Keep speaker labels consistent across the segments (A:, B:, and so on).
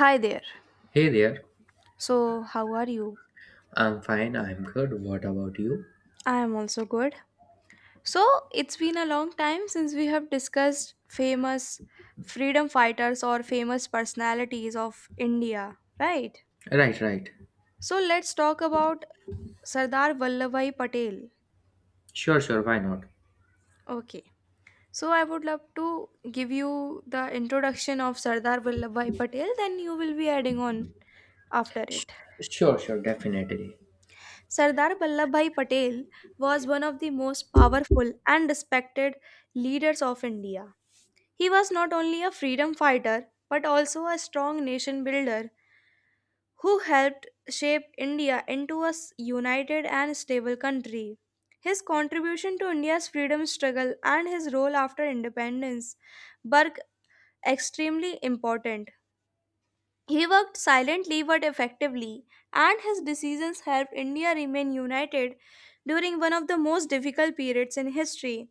A: Hi there.
B: Hey there.
A: So, how are you?
B: I'm fine. I'm good. What about you?
A: I am also good. So, it's been a long time since we have discussed famous freedom fighters or famous personalities of India, right?
B: Right, right.
A: So, let's talk about Sardar Vallabhbhai Patel.
B: Sure, sure. Why not?
A: Okay. So, I would love to give you the introduction of Sardar Vallabhbhai Patel, then you will be adding on after it.
B: Sure, sure. Definitely.
A: Sardar Vallabhbhai Patel was one of the most powerful and respected leaders of India. He was not only a freedom fighter but also a strong nation builder who helped shape India into a united and stable country. His contribution to India's freedom struggle and his role after independence were extremely important. He worked silently but effectively, and his decisions helped India remain united during one of the most difficult periods in history.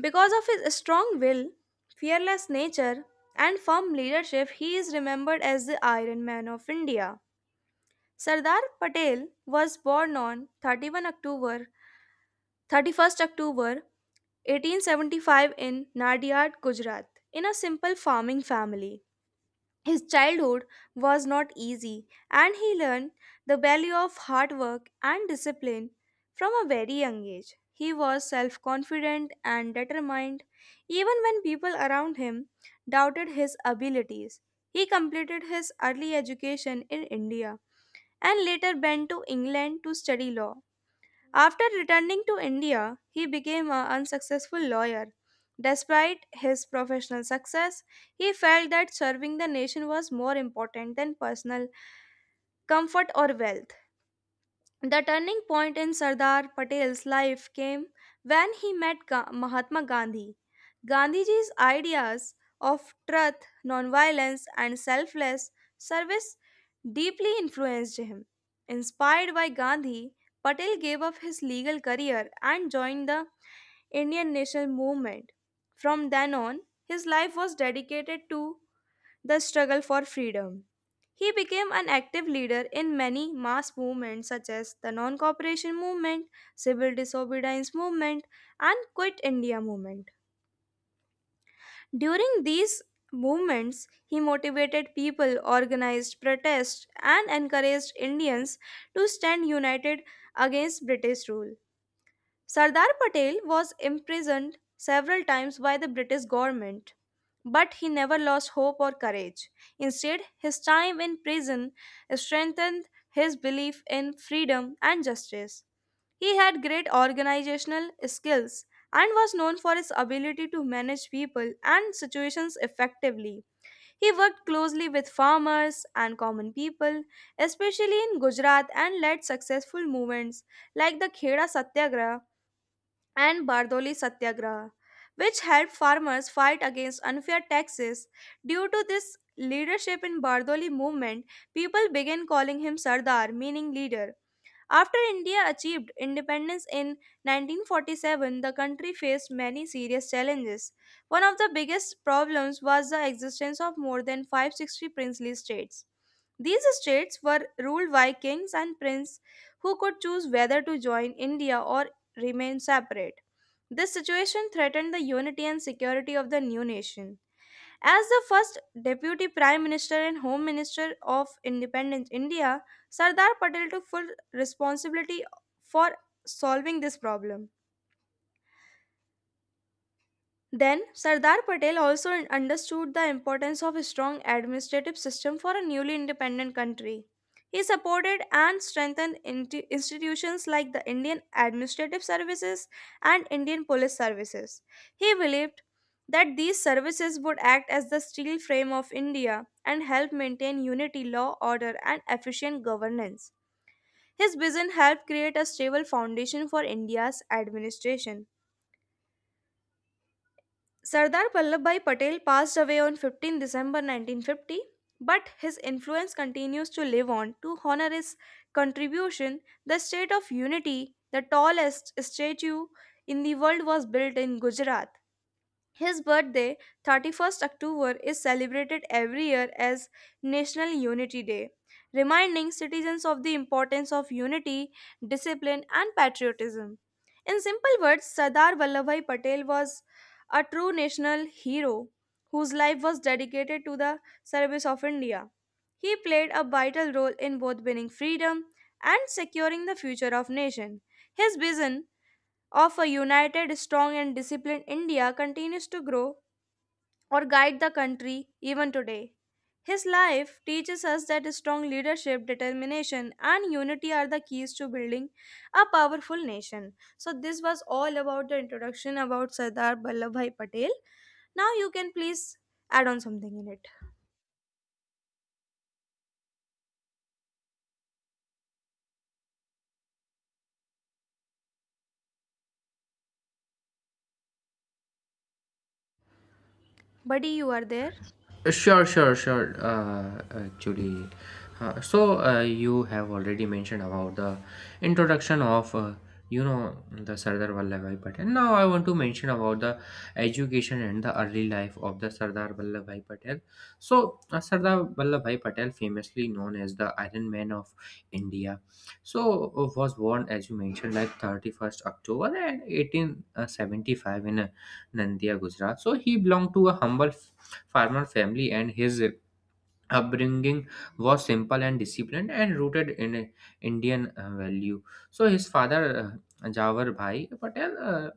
A: Because of his strong will, fearless nature, and firm leadership, he is remembered as the Iron Man of India. Sardar Patel was born on 31st October 1875 in Nadiad, Gujarat, in a simple farming family. His childhood was not easy, and he learned the value of hard work and discipline from a very young age. He was self confident and determined, even when people around him doubted his abilities. He completed his early education in India and later went to England to study law. After returning to India, he became an unsuccessful lawyer. Despite his professional success, he felt that serving the nation was more important than personal comfort or wealth. The turning point in Sardar Patel's life came when he met Mahatma Gandhi. Gandhiji's ideas of truth, nonviolence, and selfless service deeply influenced him. Inspired by Gandhi, Patel gave up his legal career and joined the Indian national movement. From then on, his life was dedicated to the struggle for freedom. He became an active leader in many mass movements such as the non-cooperation movement, civil disobedience movement, and Quit India movement. During these movements, he motivated people, organized protests, and encouraged Indians to stand united against British rule. Sardar Patel was imprisoned several times by the British government, but he never lost hope or courage. Instead, his time in prison strengthened his belief in freedom and justice. He had great organizational skills and was known for his ability to manage people and situations effectively. He worked closely with farmers and common people, especially in Gujarat, and led successful movements like the Kheda Satyagraha and Bardoli Satyagraha, which helped farmers fight against unfair taxes. Due to this leadership in Bardoli movement, people began calling him Sardar, meaning leader. After India achieved independence in 1947, the country faced many serious challenges. One of the biggest problems was the existence of more than 560 princely states. These states were ruled by kings and princes who could choose whether to join India or remain separate. This situation threatened the unity and security of the new nation. As the first Deputy Prime Minister and Home Minister of Independent India, Sardar Patel took full responsibility for solving this problem. Then Sardar Patel also understood the importance of a strong administrative system for a newly independent country. He supported and strengthened institutions like the Indian Administrative Services and Indian Police Services. He believed that these services would act as the steel frame of India and help maintain unity, law, order, and efficient governance. His vision helped create a stable foundation for India's administration. Sardar Vallabhbhai Patel passed away on 15 December 1950, but his influence continues to live on. To honor his contribution, the state of unity, the tallest statue in the world, was built in Gujarat. His birthday, 31st October, is celebrated every year as National Unity Day, reminding citizens of the importance of unity, discipline, and patriotism. In simple words, Sardar Vallabhai Patel was a true national hero whose life was dedicated to the service of India. He played a vital role in both winning freedom and securing the future of nation. His vision of a united, strong, and disciplined India continues to grow or guide the country even today. His life teaches us that strong leadership, determination, and unity are the keys to building a powerful nation. So, this was all about the introduction about Sardar Vallabhbhai Patel. Now, you can please add on something in it. Buddy, you are there?
B: Sure, sure, sure. Actually, you have already mentioned about the introduction of the Sardar Vallabhbhai Patel. Now I want to mention about the education and the early life of the Sardar Vallabhbhai Patel. So Sardar Vallabhbhai Patel, famously known as the Iron Man of India, was born as you mentioned like 31st October and 1875 in Nandiya, Gujarat. So he belonged to a humble farmer family, and his upbringing was simple and disciplined and rooted in Indian value. So his father, Jawar Bhai Patel,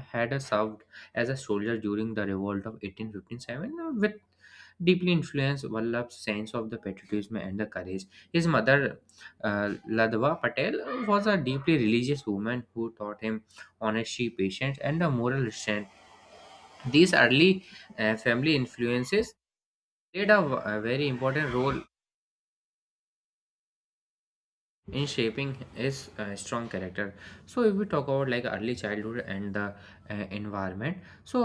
B: had served as a soldier during the revolt of 1857 with deeply influenced Vallabh's sense of the patriotism and the courage. His mother, Ladwa Patel, was a deeply religious woman who taught him honesty, patience, and a moral strength. These early family influences played a very important role in shaping his strong character. So if we talk about like early childhood and the environment, so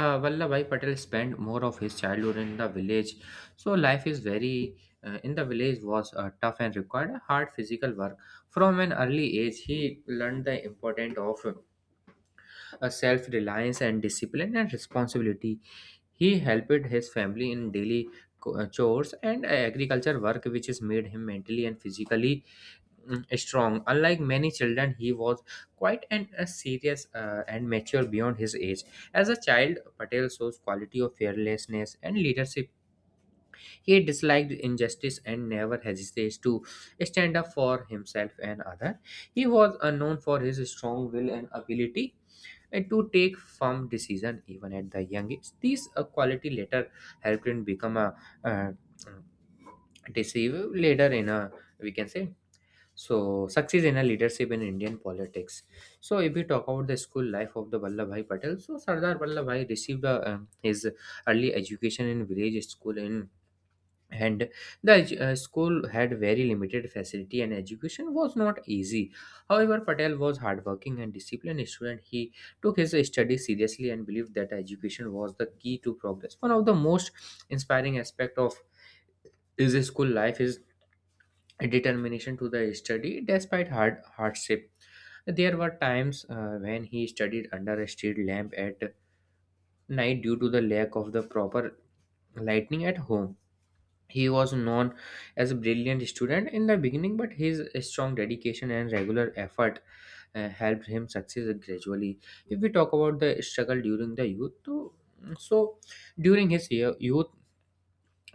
B: uh, Vallabhai Patel spent more of his childhood in the village. So life is very, in the village was tough and required hard physical work. From an early age, he learned the importance of self-reliance and discipline and responsibility. He helped his family in daily chores and agriculture work, which has made him mentally and physically strong. Unlike many children, he was quite a serious and mature beyond his age. As a child, Patel shows quality of fearlessness and leadership. He disliked injustice and never hesitates to stand up for himself and other. He was known for his strong will and ability and to take firm decision even at the young age. These quality later helped him become a uh, deceive leader in a, we can say, so success in a leadership in Indian politics. So if we talk about the school life of the Vallabhbhai Patel, so Sardar Vallabhbhai received his early education in village school in and the school had very limited facility and education was not easy. However, Patel was hardworking and disciplined student. He took his studies seriously and believed that education was the key to progress. One of the most inspiring aspect of his school life is determination to the study despite hardship. There were times, when he studied under a street lamp at night due to the lack of the proper lighting at home. He was known as a brilliant student in the beginning, but his strong dedication and regular effort helped him succeed gradually. If we talk about the struggle during the youth, so during his youth,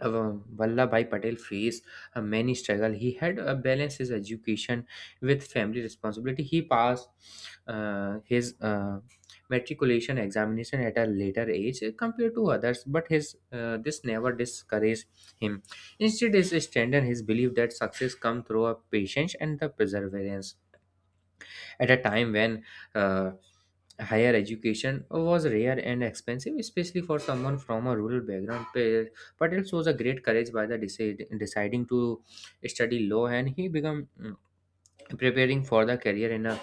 B: uh, Vallabhbhai Patel faced many struggle. He had to balance his education with family responsibility. He passed his matriculation examination at a later age compared to others, but his this never discouraged him. Instead, it strengthened his belief that success comes through a patience and the perseverance at a time when uh, higher education was rare and expensive, especially for someone from a rural background. Patel shows a great courage by the deciding to study law, and he became, preparing for the career in a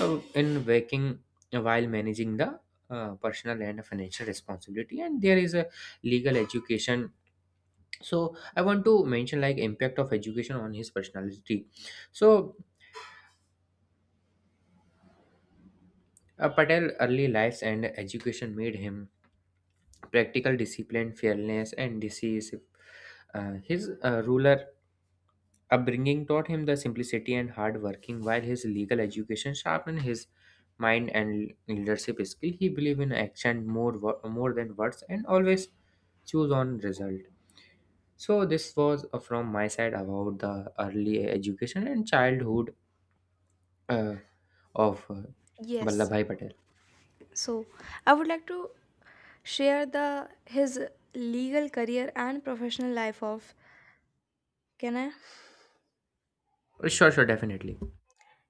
B: uh, in working while managing the personal and financial responsibility. And there is a legal education. So I want to mention like impact of education on his personality. So Patel early lives and education made him practical discipline, fearlessness, and decisive. His ruler upbringing taught him the simplicity and hard working, while his legal education sharpened his mind and leadership skill. He believed in action more than words, and always choose on result. So this was from my side about the early education and childhood uh, of
A: Yes.
B: Vallabhbhai Patel.
A: So, I would like to share the his legal career and professional life of. Can I?
B: Sure, sure, definitely.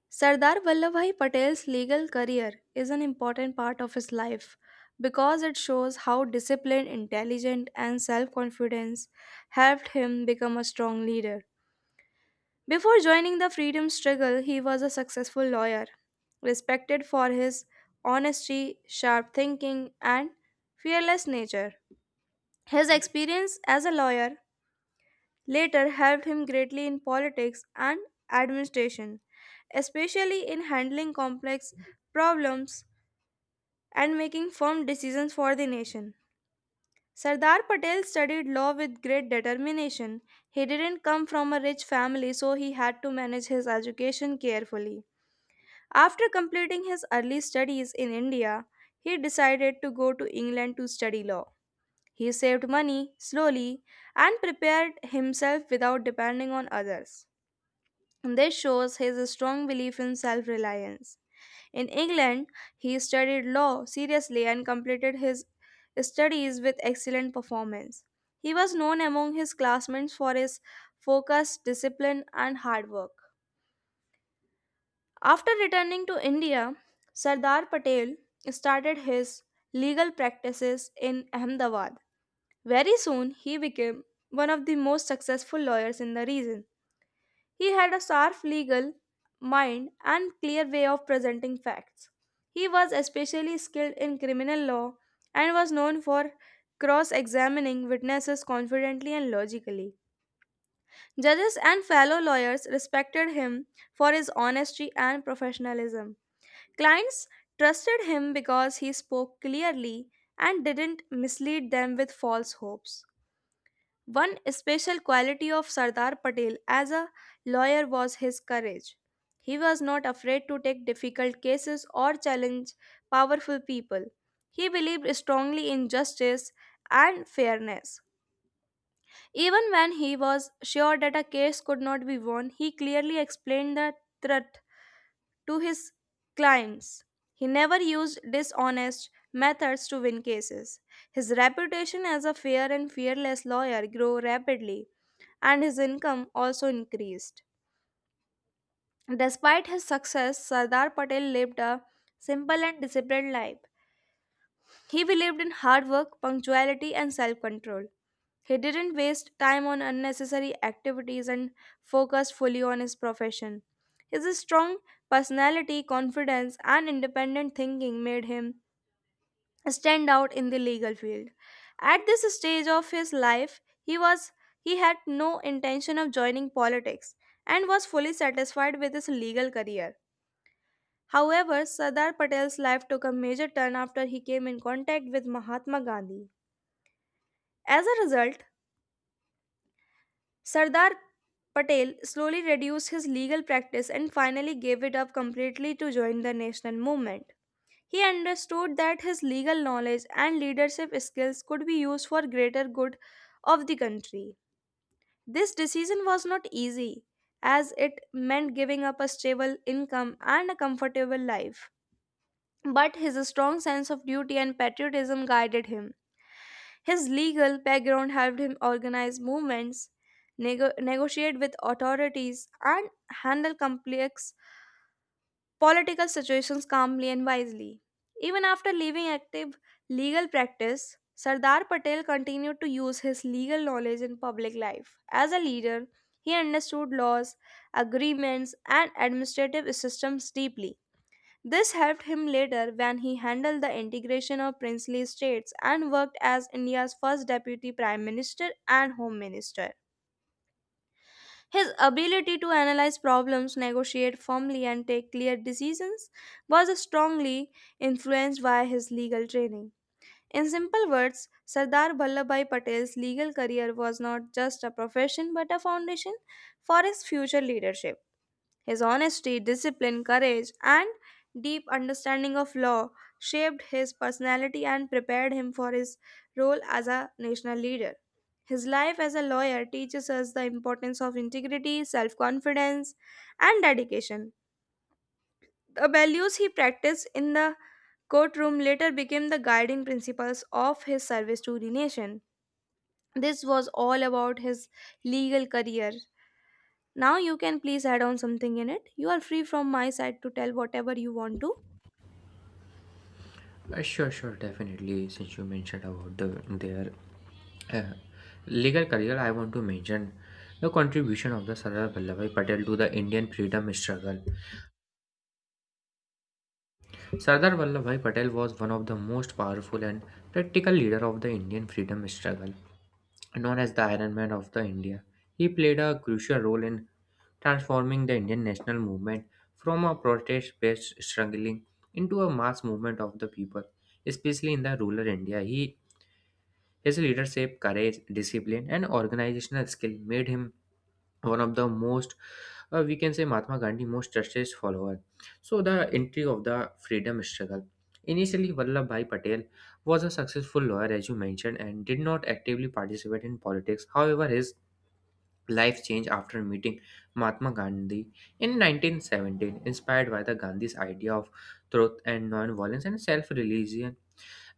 A: Sardar Vallabhbhai Patel's legal career is an important part of his life because it shows how discipline, intelligence, and self confidence helped him become a strong leader. Before joining the freedom struggle, he was a successful lawyer, respected for his honesty, sharp thinking, and fearless nature. His experience as a lawyer later helped him greatly in politics and administration, especially in handling complex problems and making firm decisions for the nation. Sardar Patel studied law with great determination. He didn't come from a rich family, so he had to manage his education carefully. After completing his early studies in India, he decided to go to England to study law. He saved money slowly and prepared himself without depending on others. This shows his strong belief in self reliance. In England, he studied law seriously and completed his studies with excellent performance. He was known among his classmates for his focus, discipline, and hard work. After returning to India, Sardar Patel started his legal practices in Ahmedabad. Very soon, he became one of the most successful lawyers in the region. He had a sharp legal mind and clear way of presenting facts. He was especially skilled in criminal law and was known for cross examining witnesses confidently and logically. Judges and fellow lawyers respected him for his honesty and professionalism. Clients trusted him because he spoke clearly and didn't mislead them with false hopes. One special quality of Sardar Patel as a lawyer was his courage. He was not afraid to take difficult cases or challenge powerful people. He believed strongly in justice and fairness. Even when he was sure that a case could not be won, he clearly explained the truth to his clients. He never used dishonest methods to win cases. His reputation as a fair and fearless lawyer grew rapidly, and his income also increased. Despite his success, Sardar Patel lived a simple and disciplined life. He believed in hard work, punctuality, and self control. He didn't waste time on unnecessary activities and focused fully on his profession. His strong personality, confidence, and independent thinking made him stand out in the legal field. At this stage of his life, he had no intention of joining politics and was fully satisfied with his legal career. However, Sardar Patel's life took a major turn after he came in contact with Mahatma Gandhi. As a result, Sardar Patel slowly reduced his legal practice and finally gave it up completely to join the national movement. He understood that his legal knowledge and leadership skills could be used for greater good of the country. This decision was not easy as it meant giving up a stable income and a comfortable life but his strong sense of duty and patriotism guided him. His legal background helped him organize movements, negotiate with authorities, and handle complex political situations calmly and wisely. Even after leaving active legal practice, Sardar Patel continued to use his legal knowledge in public life. As a leader, he understood laws, agreements, and administrative systems deeply. This helped him later when he handled the integration of princely states and worked as India's first deputy prime minister and home minister. His ability to analyze problems, negotiate firmly, and take clear decisions was strongly influenced by his legal training. In simple words, Sardar Vallabhbhai Patel's legal career was not just a profession but a foundation for his future leadership. His honesty, discipline, courage, and deep understanding of law shaped his personality and prepared him for his role as a national leader. His life as a lawyer teaches us the importance of integrity, self confidence, and dedication. The values he practiced in the courtroom later became the guiding principles of his service to the nation. This was all about his legal career. Now you can please add on something in it. You are free from my side to tell whatever you want to.
B: Sure, sure, definitely. Since you mentioned about their uh, legal career, I want to mention the contribution of the Sardar Vallabhbhai Patel to the Indian freedom struggle. Sardar Vallabhbhai Patel was one of the most powerful and practical leader of the Indian freedom struggle, known as the Iron Man of the India. He played a crucial role in transforming the Indian national movement from a protest based struggling into a mass movement of the people, especially in the rural India. He His leadership, courage, discipline, and organizational skill made him one of the most, we can say, Mahatma Gandhi most trusted follower. So the entry of the freedom struggle. Initially, Vallabhbhai Patel was a successful lawyer, as you mentioned, and did not actively participate in politics. However, his life changed after meeting Mahatma Gandhi in 1917, inspired by the Gandhi's idea of truth and non-violence and self-reliance.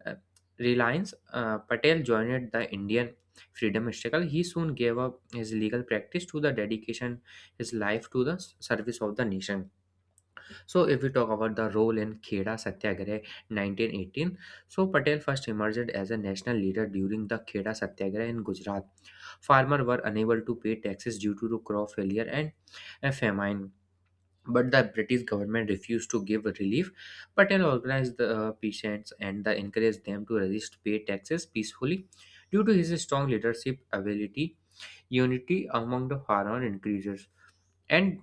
B: Uh, Reliance Patel joined the Indian freedom struggle. He soon gave up his legal practice to the dedication his life to the service of the nation. So, if we talk about the role in Kheda Satyagraha 1918, so Patel first emerged as a national leader during the Kheda Satyagraha in Gujarat. Farmers were unable to pay taxes due to crop failure and a famine, but the British government refused to give relief. Patel organized the peasants and the encouraged them to resist pay taxes peacefully. Due to his strong leadership ability, unity among the foreign increases, and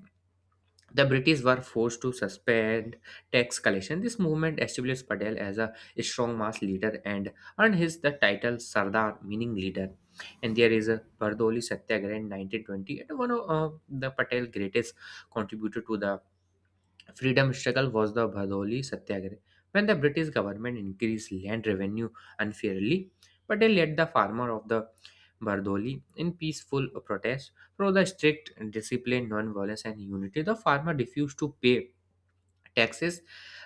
B: the British were forced to suspend tax collection. This movement established Patel as a strong mass leader and earned his the title Sardar, meaning leader. And there is a Bardoli Satyagraha in 1920, and one of the Patel greatest contributor to the freedom struggle was the Bhadoli Satyagraha, when the British government increased land revenue unfairly, but they let the farmer of the Bardoli in peaceful protest. Through the strict discipline, non-violence, and unity, the farmer refused to pay taxes,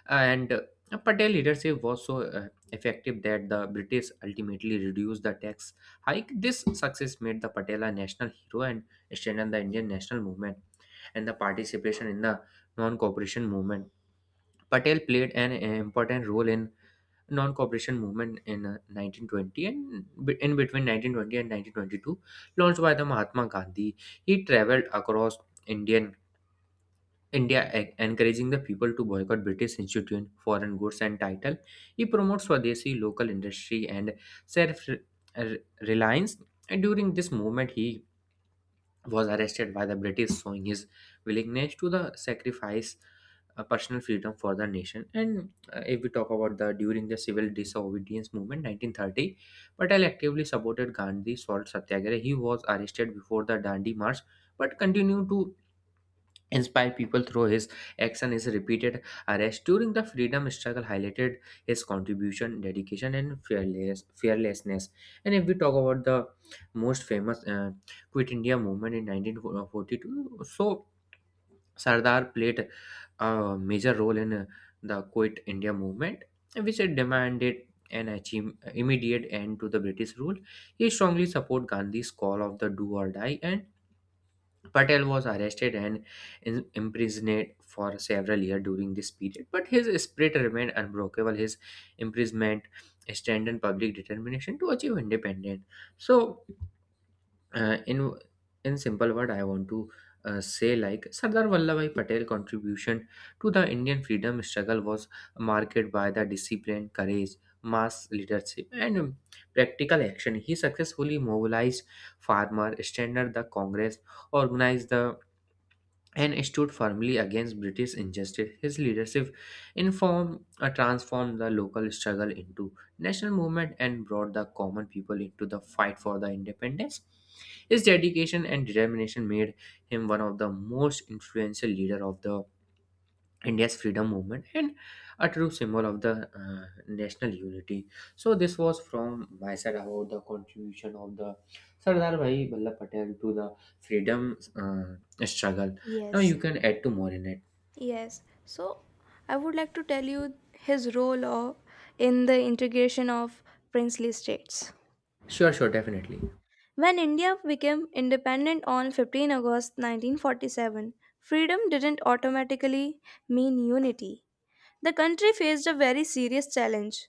B: and Patel leadership was so effective that the British ultimately reduced the tax hike. This success made the Patel a national hero and strengthened the Indian national movement and the participation in the non-cooperation movement. Patel played an important role in non-cooperation movement in 1920 and in between 1920 and 1922 launched by the Mahatma Gandhi. He traveled across Indian India encouraging the people to boycott British institute foreign goods and title. He promotes Swadeshi local industry and self-reliance. And during this movement, he was arrested by the British, showing his willingness to the sacrifice personal freedom for the nation. And if we talk about the during the civil disobedience movement 1930, Patel actively supported Gandhi's salt satyagraha. He was arrested before the Dandi March but continued to inspired people through his action. His repeated arrest during the freedom struggle highlighted his contribution dedication and fearlessness. And if we talk about the most famous Quit India movement in 1942, so Sardar played a major role in the Quit India movement, which had demanded an achieve, immediate end to the British rule. He strongly supported Gandhi's call of the do or die, and Patel was arrested and imprisoned for several years during this period, but his spirit remained unbreakable. His imprisonment strengthened public determination to achieve independence. So, uh, in in simple word, I want to say like Sardar Vallabhai Patel contribution to the Indian freedom struggle was marked by the discipline, courage, mass leadership, and practical action. He successfully mobilized farmer, strengthened the Congress, organized the and stood firmly against British injustice. His leadership in form transformed the local struggle into national movement and brought the common people into the fight for the independence. His dedication and determination made him one of the most influential leader of the India's freedom movement and a true symbol of the national unity. So this was from my side about the contribution of the Sardar Bhai Vallabh Patel to the freedom struggle. Now
A: Yes.
B: you can add to more in it.
A: Yes. So I would like to tell you his role of, in the integration of princely states.
B: Sure, sure, definitely.
A: When India became independent on 15 August 1947, freedom didn't automatically mean unity. The country faced a very serious challenge.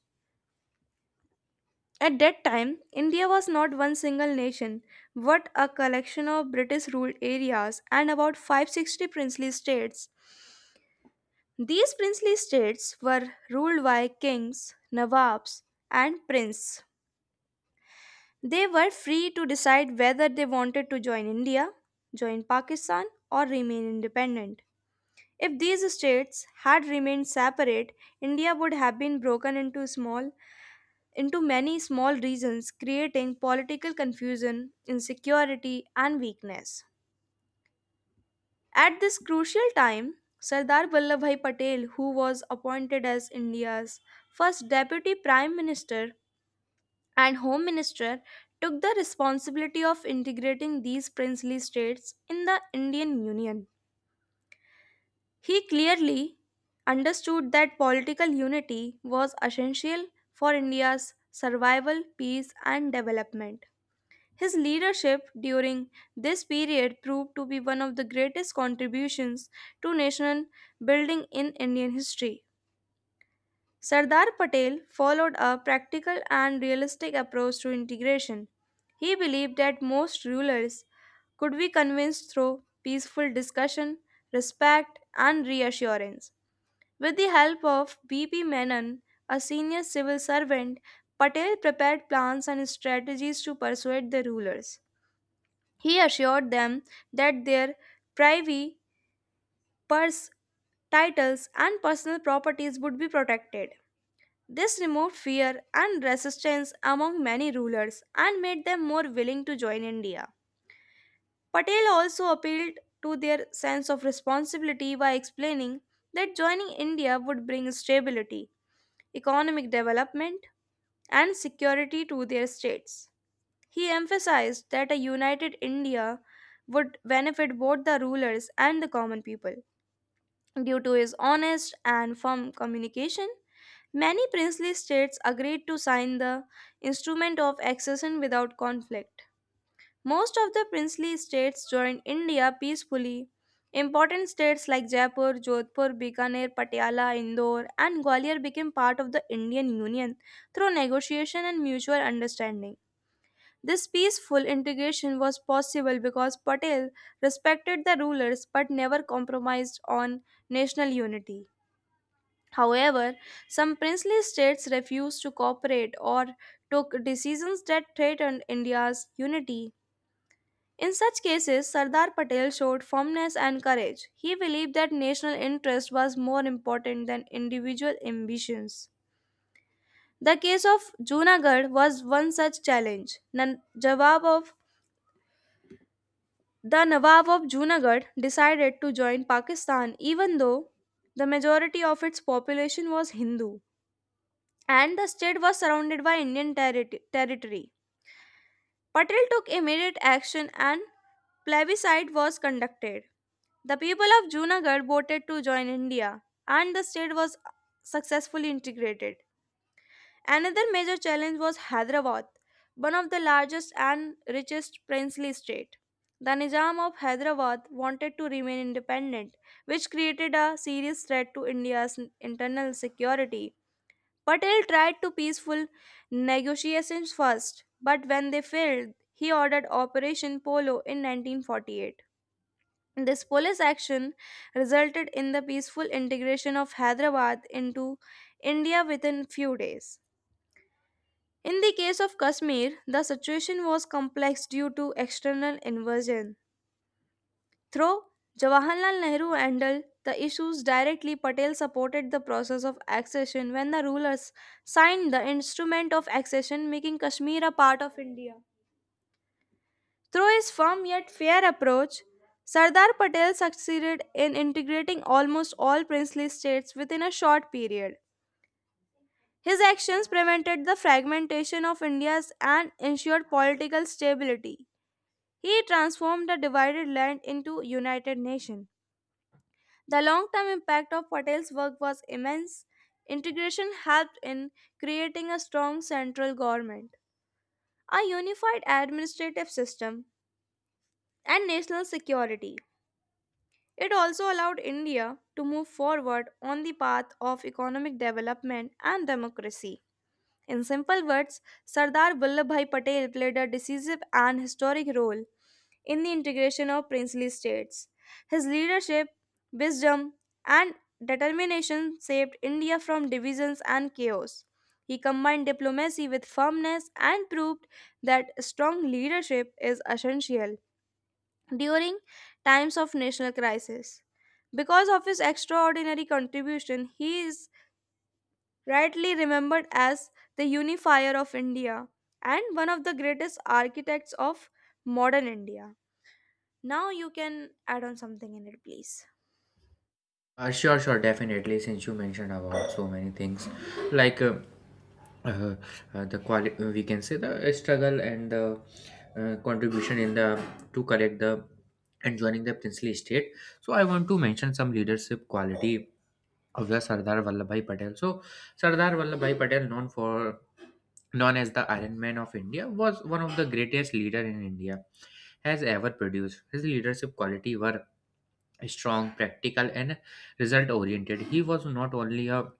A: At that time, India was not one single nation, but a collection of British ruled areas and about 560 princely states. These princely states were ruled by kings, nawabs, and princes. They were free to decide whether they wanted to join India, join Pakistan, or remain independent. If these states had remained separate, India would have been broken into many small regions, creating political confusion, insecurity, and weakness. At this crucial time, Sardar Vallabhbhai Patel, who was appointed as India's first deputy prime minister and home minister, took the responsibility of integrating these princely states in the Indian Union. He clearly understood that political unity was essential for India's survival, peace, and development. His leadership during this period proved to be one of the greatest contributions to nation building in Indian history. Sardar Patel followed a practical and realistic approach to integration. He believed that most rulers could be convinced through peaceful discussion, respect, and reassurance. With the help of B.P. Menon, a senior civil servant, Patel prepared plans and strategies to persuade the rulers. He assured them that their privy purse titles and personal properties would be protected. This removed fear and resistance among many rulers and made them more willing to join India. Patel also appealed to their sense of responsibility by explaining that joining India would bring stability, economic development, and security to their states. He emphasized that a united India would benefit both the rulers and the common people. Due to his honest and firm communication, many princely states agreed to sign the Instrument of Accession without conflict. Most of the princely states joined India peacefully. Important states like Jaipur, Jodhpur, Bikaner, Patiala, Indore, and Gwalior became part of the Indian Union through negotiation and mutual understanding. This peaceful integration was possible because Patel respected the rulers but never compromised on national unity. However, some princely states refused to cooperate or took decisions that threatened India's unity. In such cases, Sardar Patel showed firmness and courage. He believed that national interest was more important than individual ambitions. The case of Junagadh was one such challenge. The Nawab of Junagadh decided to join Pakistan even though the majority of its population was Hindu and the state was surrounded by Indian territory. Patel took immediate action and plebiscite was conducted. The people of Junagadh voted to join India and the state was successfully integrated. Another major challenge was Hyderabad, one of the largest and richest princely state. The Nizam of Hyderabad wanted to remain independent, which created a serious threat to India's internal security. Patel tried to peaceful negotiations first, but when they failed, he ordered Operation Polo in 1948. This police action resulted in the peaceful integration of Hyderabad into India within few days. In the case of Kashmir, the situation was complex due to external invasion. Through Jawaharlal Nehru handled the issues directly, Patel supported the process of accession when the rulers signed the instrument of accession, making Kashmir a part of India. Through his firm yet fair approach, Sardar Patel succeeded in integrating almost all princely states within a short period. His actions prevented the fragmentation of India and ensured political stability. He transformed the divided land into united nation. The long-term impact of Patel's work was immense. Integration helped in creating a strong central government, a unified administrative system, and national security. It also allowed India to move forward on the path of economic development and democracy. In simple words, Sardar Vallabhbhai Patel played a decisive and historic role in the integration of princely states. His leadership, wisdom, and determination saved India from divisions and chaos. He combined diplomacy with firmness and proved that strong leadership is essential during times of national crisis. Because of his extraordinary contribution, he is rightly remembered as the unifier of India and one of the greatest architects of modern India. Now you can add on something in it, please.
B: Sure, sure, definitely. Since you mentioned about so many things, like uh, the we can say the struggle and the contribution in the to collect the and joining the princely state. So I want to mention some leadership quality of the Sardar Vallabhai Patel. So Sardar Vallabhai Patel, known as the Iron Man of India, was one of the greatest leader in India has ever produced. His leadership quality were strong, practical, and result oriented. He was not only a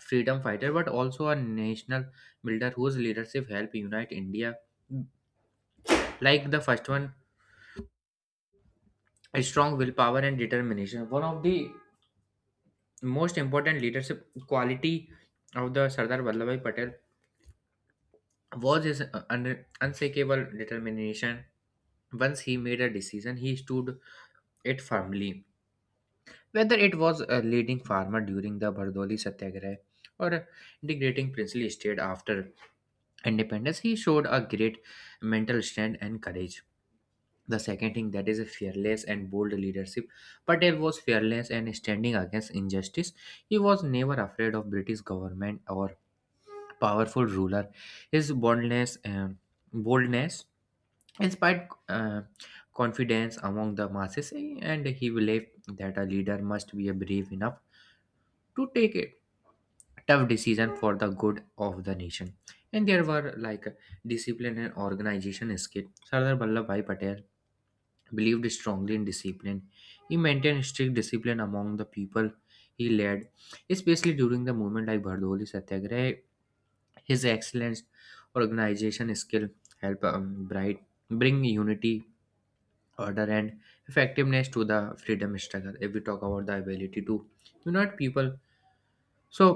B: freedom fighter but also a national builder whose leadership helped unite India. Like the first one, a strong willpower and determination. One of the most important leadership quality of the Sardar Vallabhbhai Patel was his unshakable determination. Once he made a decision, he stood it firmly. Whether it was a leading farmer during the Bardoli Satyagraha or integrating princely state after independence, he showed a great mental strength and courage. The second thing that is a fearless and bold leadership. Patel was fearless and standing against injustice. He was never afraid of British government or powerful ruler. His boldness inspired confidence among the masses, and he believed that a leader must be brave enough to take tough decision for the good of the nation. And there were like discipline and organization skit. Sardar Vallabhbhai Patel believed strongly in discipline. He maintained strict discipline among the people he led, especially during the movement like Bardoli Satyagraha. His excellence, organization skill help bright bring unity, order, and effectiveness to the freedom struggle. If we talk about the ability to unite people, so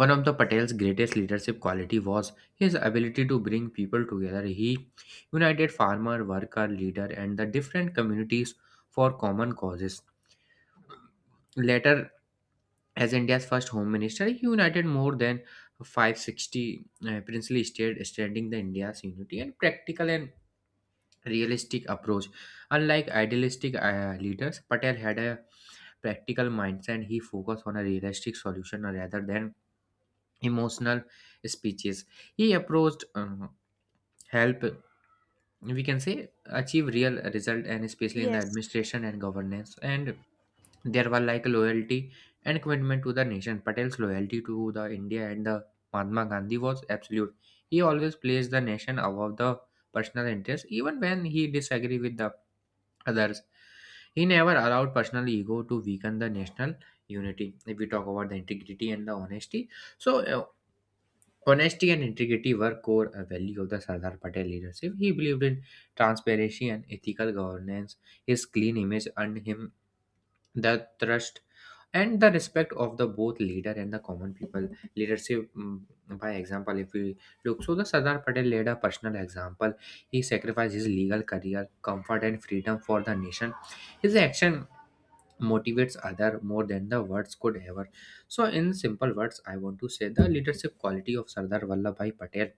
B: one of the Patel's greatest leadership quality was his ability to bring people together. He united farmer, worker, leader, and the different communities for common causes. Later, as India's first home minister, he united more than 560 princely states, extending the India's unity and practical and realistic approach. Unlike idealistic leaders, Patel had a practical mindset. He focused on a realistic solution rather than emotional speeches. He approached, help, we can say, achieve real result, and especially in the
A: Yes,
B: administration and governance. And there were like loyalty and commitment to the nation. Patel's loyalty to the India and the Mahatma Gandhi was absolute. He always placed the nation above the personal interest even when he disagreed with the others. He never allowed personal ego to weaken the national unity. If we talk about the integrity and the honesty, so honesty and integrity were core value of the Sardar Patel leadership. He believed in transparency and ethical governance. His clean image earned him the trust and the respect of the both leader and the common people. Leadership, by example, if we look, so the Sardar Patel led a personal example. He sacrificed his legal career, comfort, and freedom for the nation. His action motivates other more than the words could ever. So, in simple words, I want to say the leadership quality of Sardar Vallabhbhai Patel: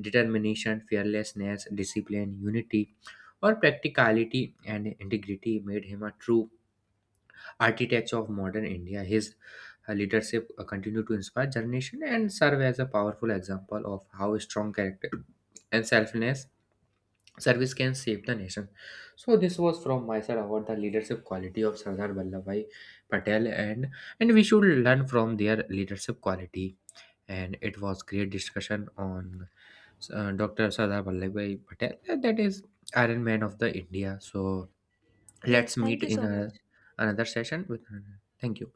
B: determination, fearlessness, discipline, unity, or practicality and integrity made him a true architect of modern India. His leadership continued to inspire generation and serve as a powerful example of how strong character and selfless service can save the nation. So this was from my side about the leadership quality of Sardar Vallabhbhai Patel, and we should learn from their leadership quality. And it was great discussion on Dr. Sardar Vallabhbhai Patel, that is Iron Man of the India. So
A: yes,
B: let's
A: thank
B: meet
A: you
B: in
A: so much.
B: another session with. Thank you.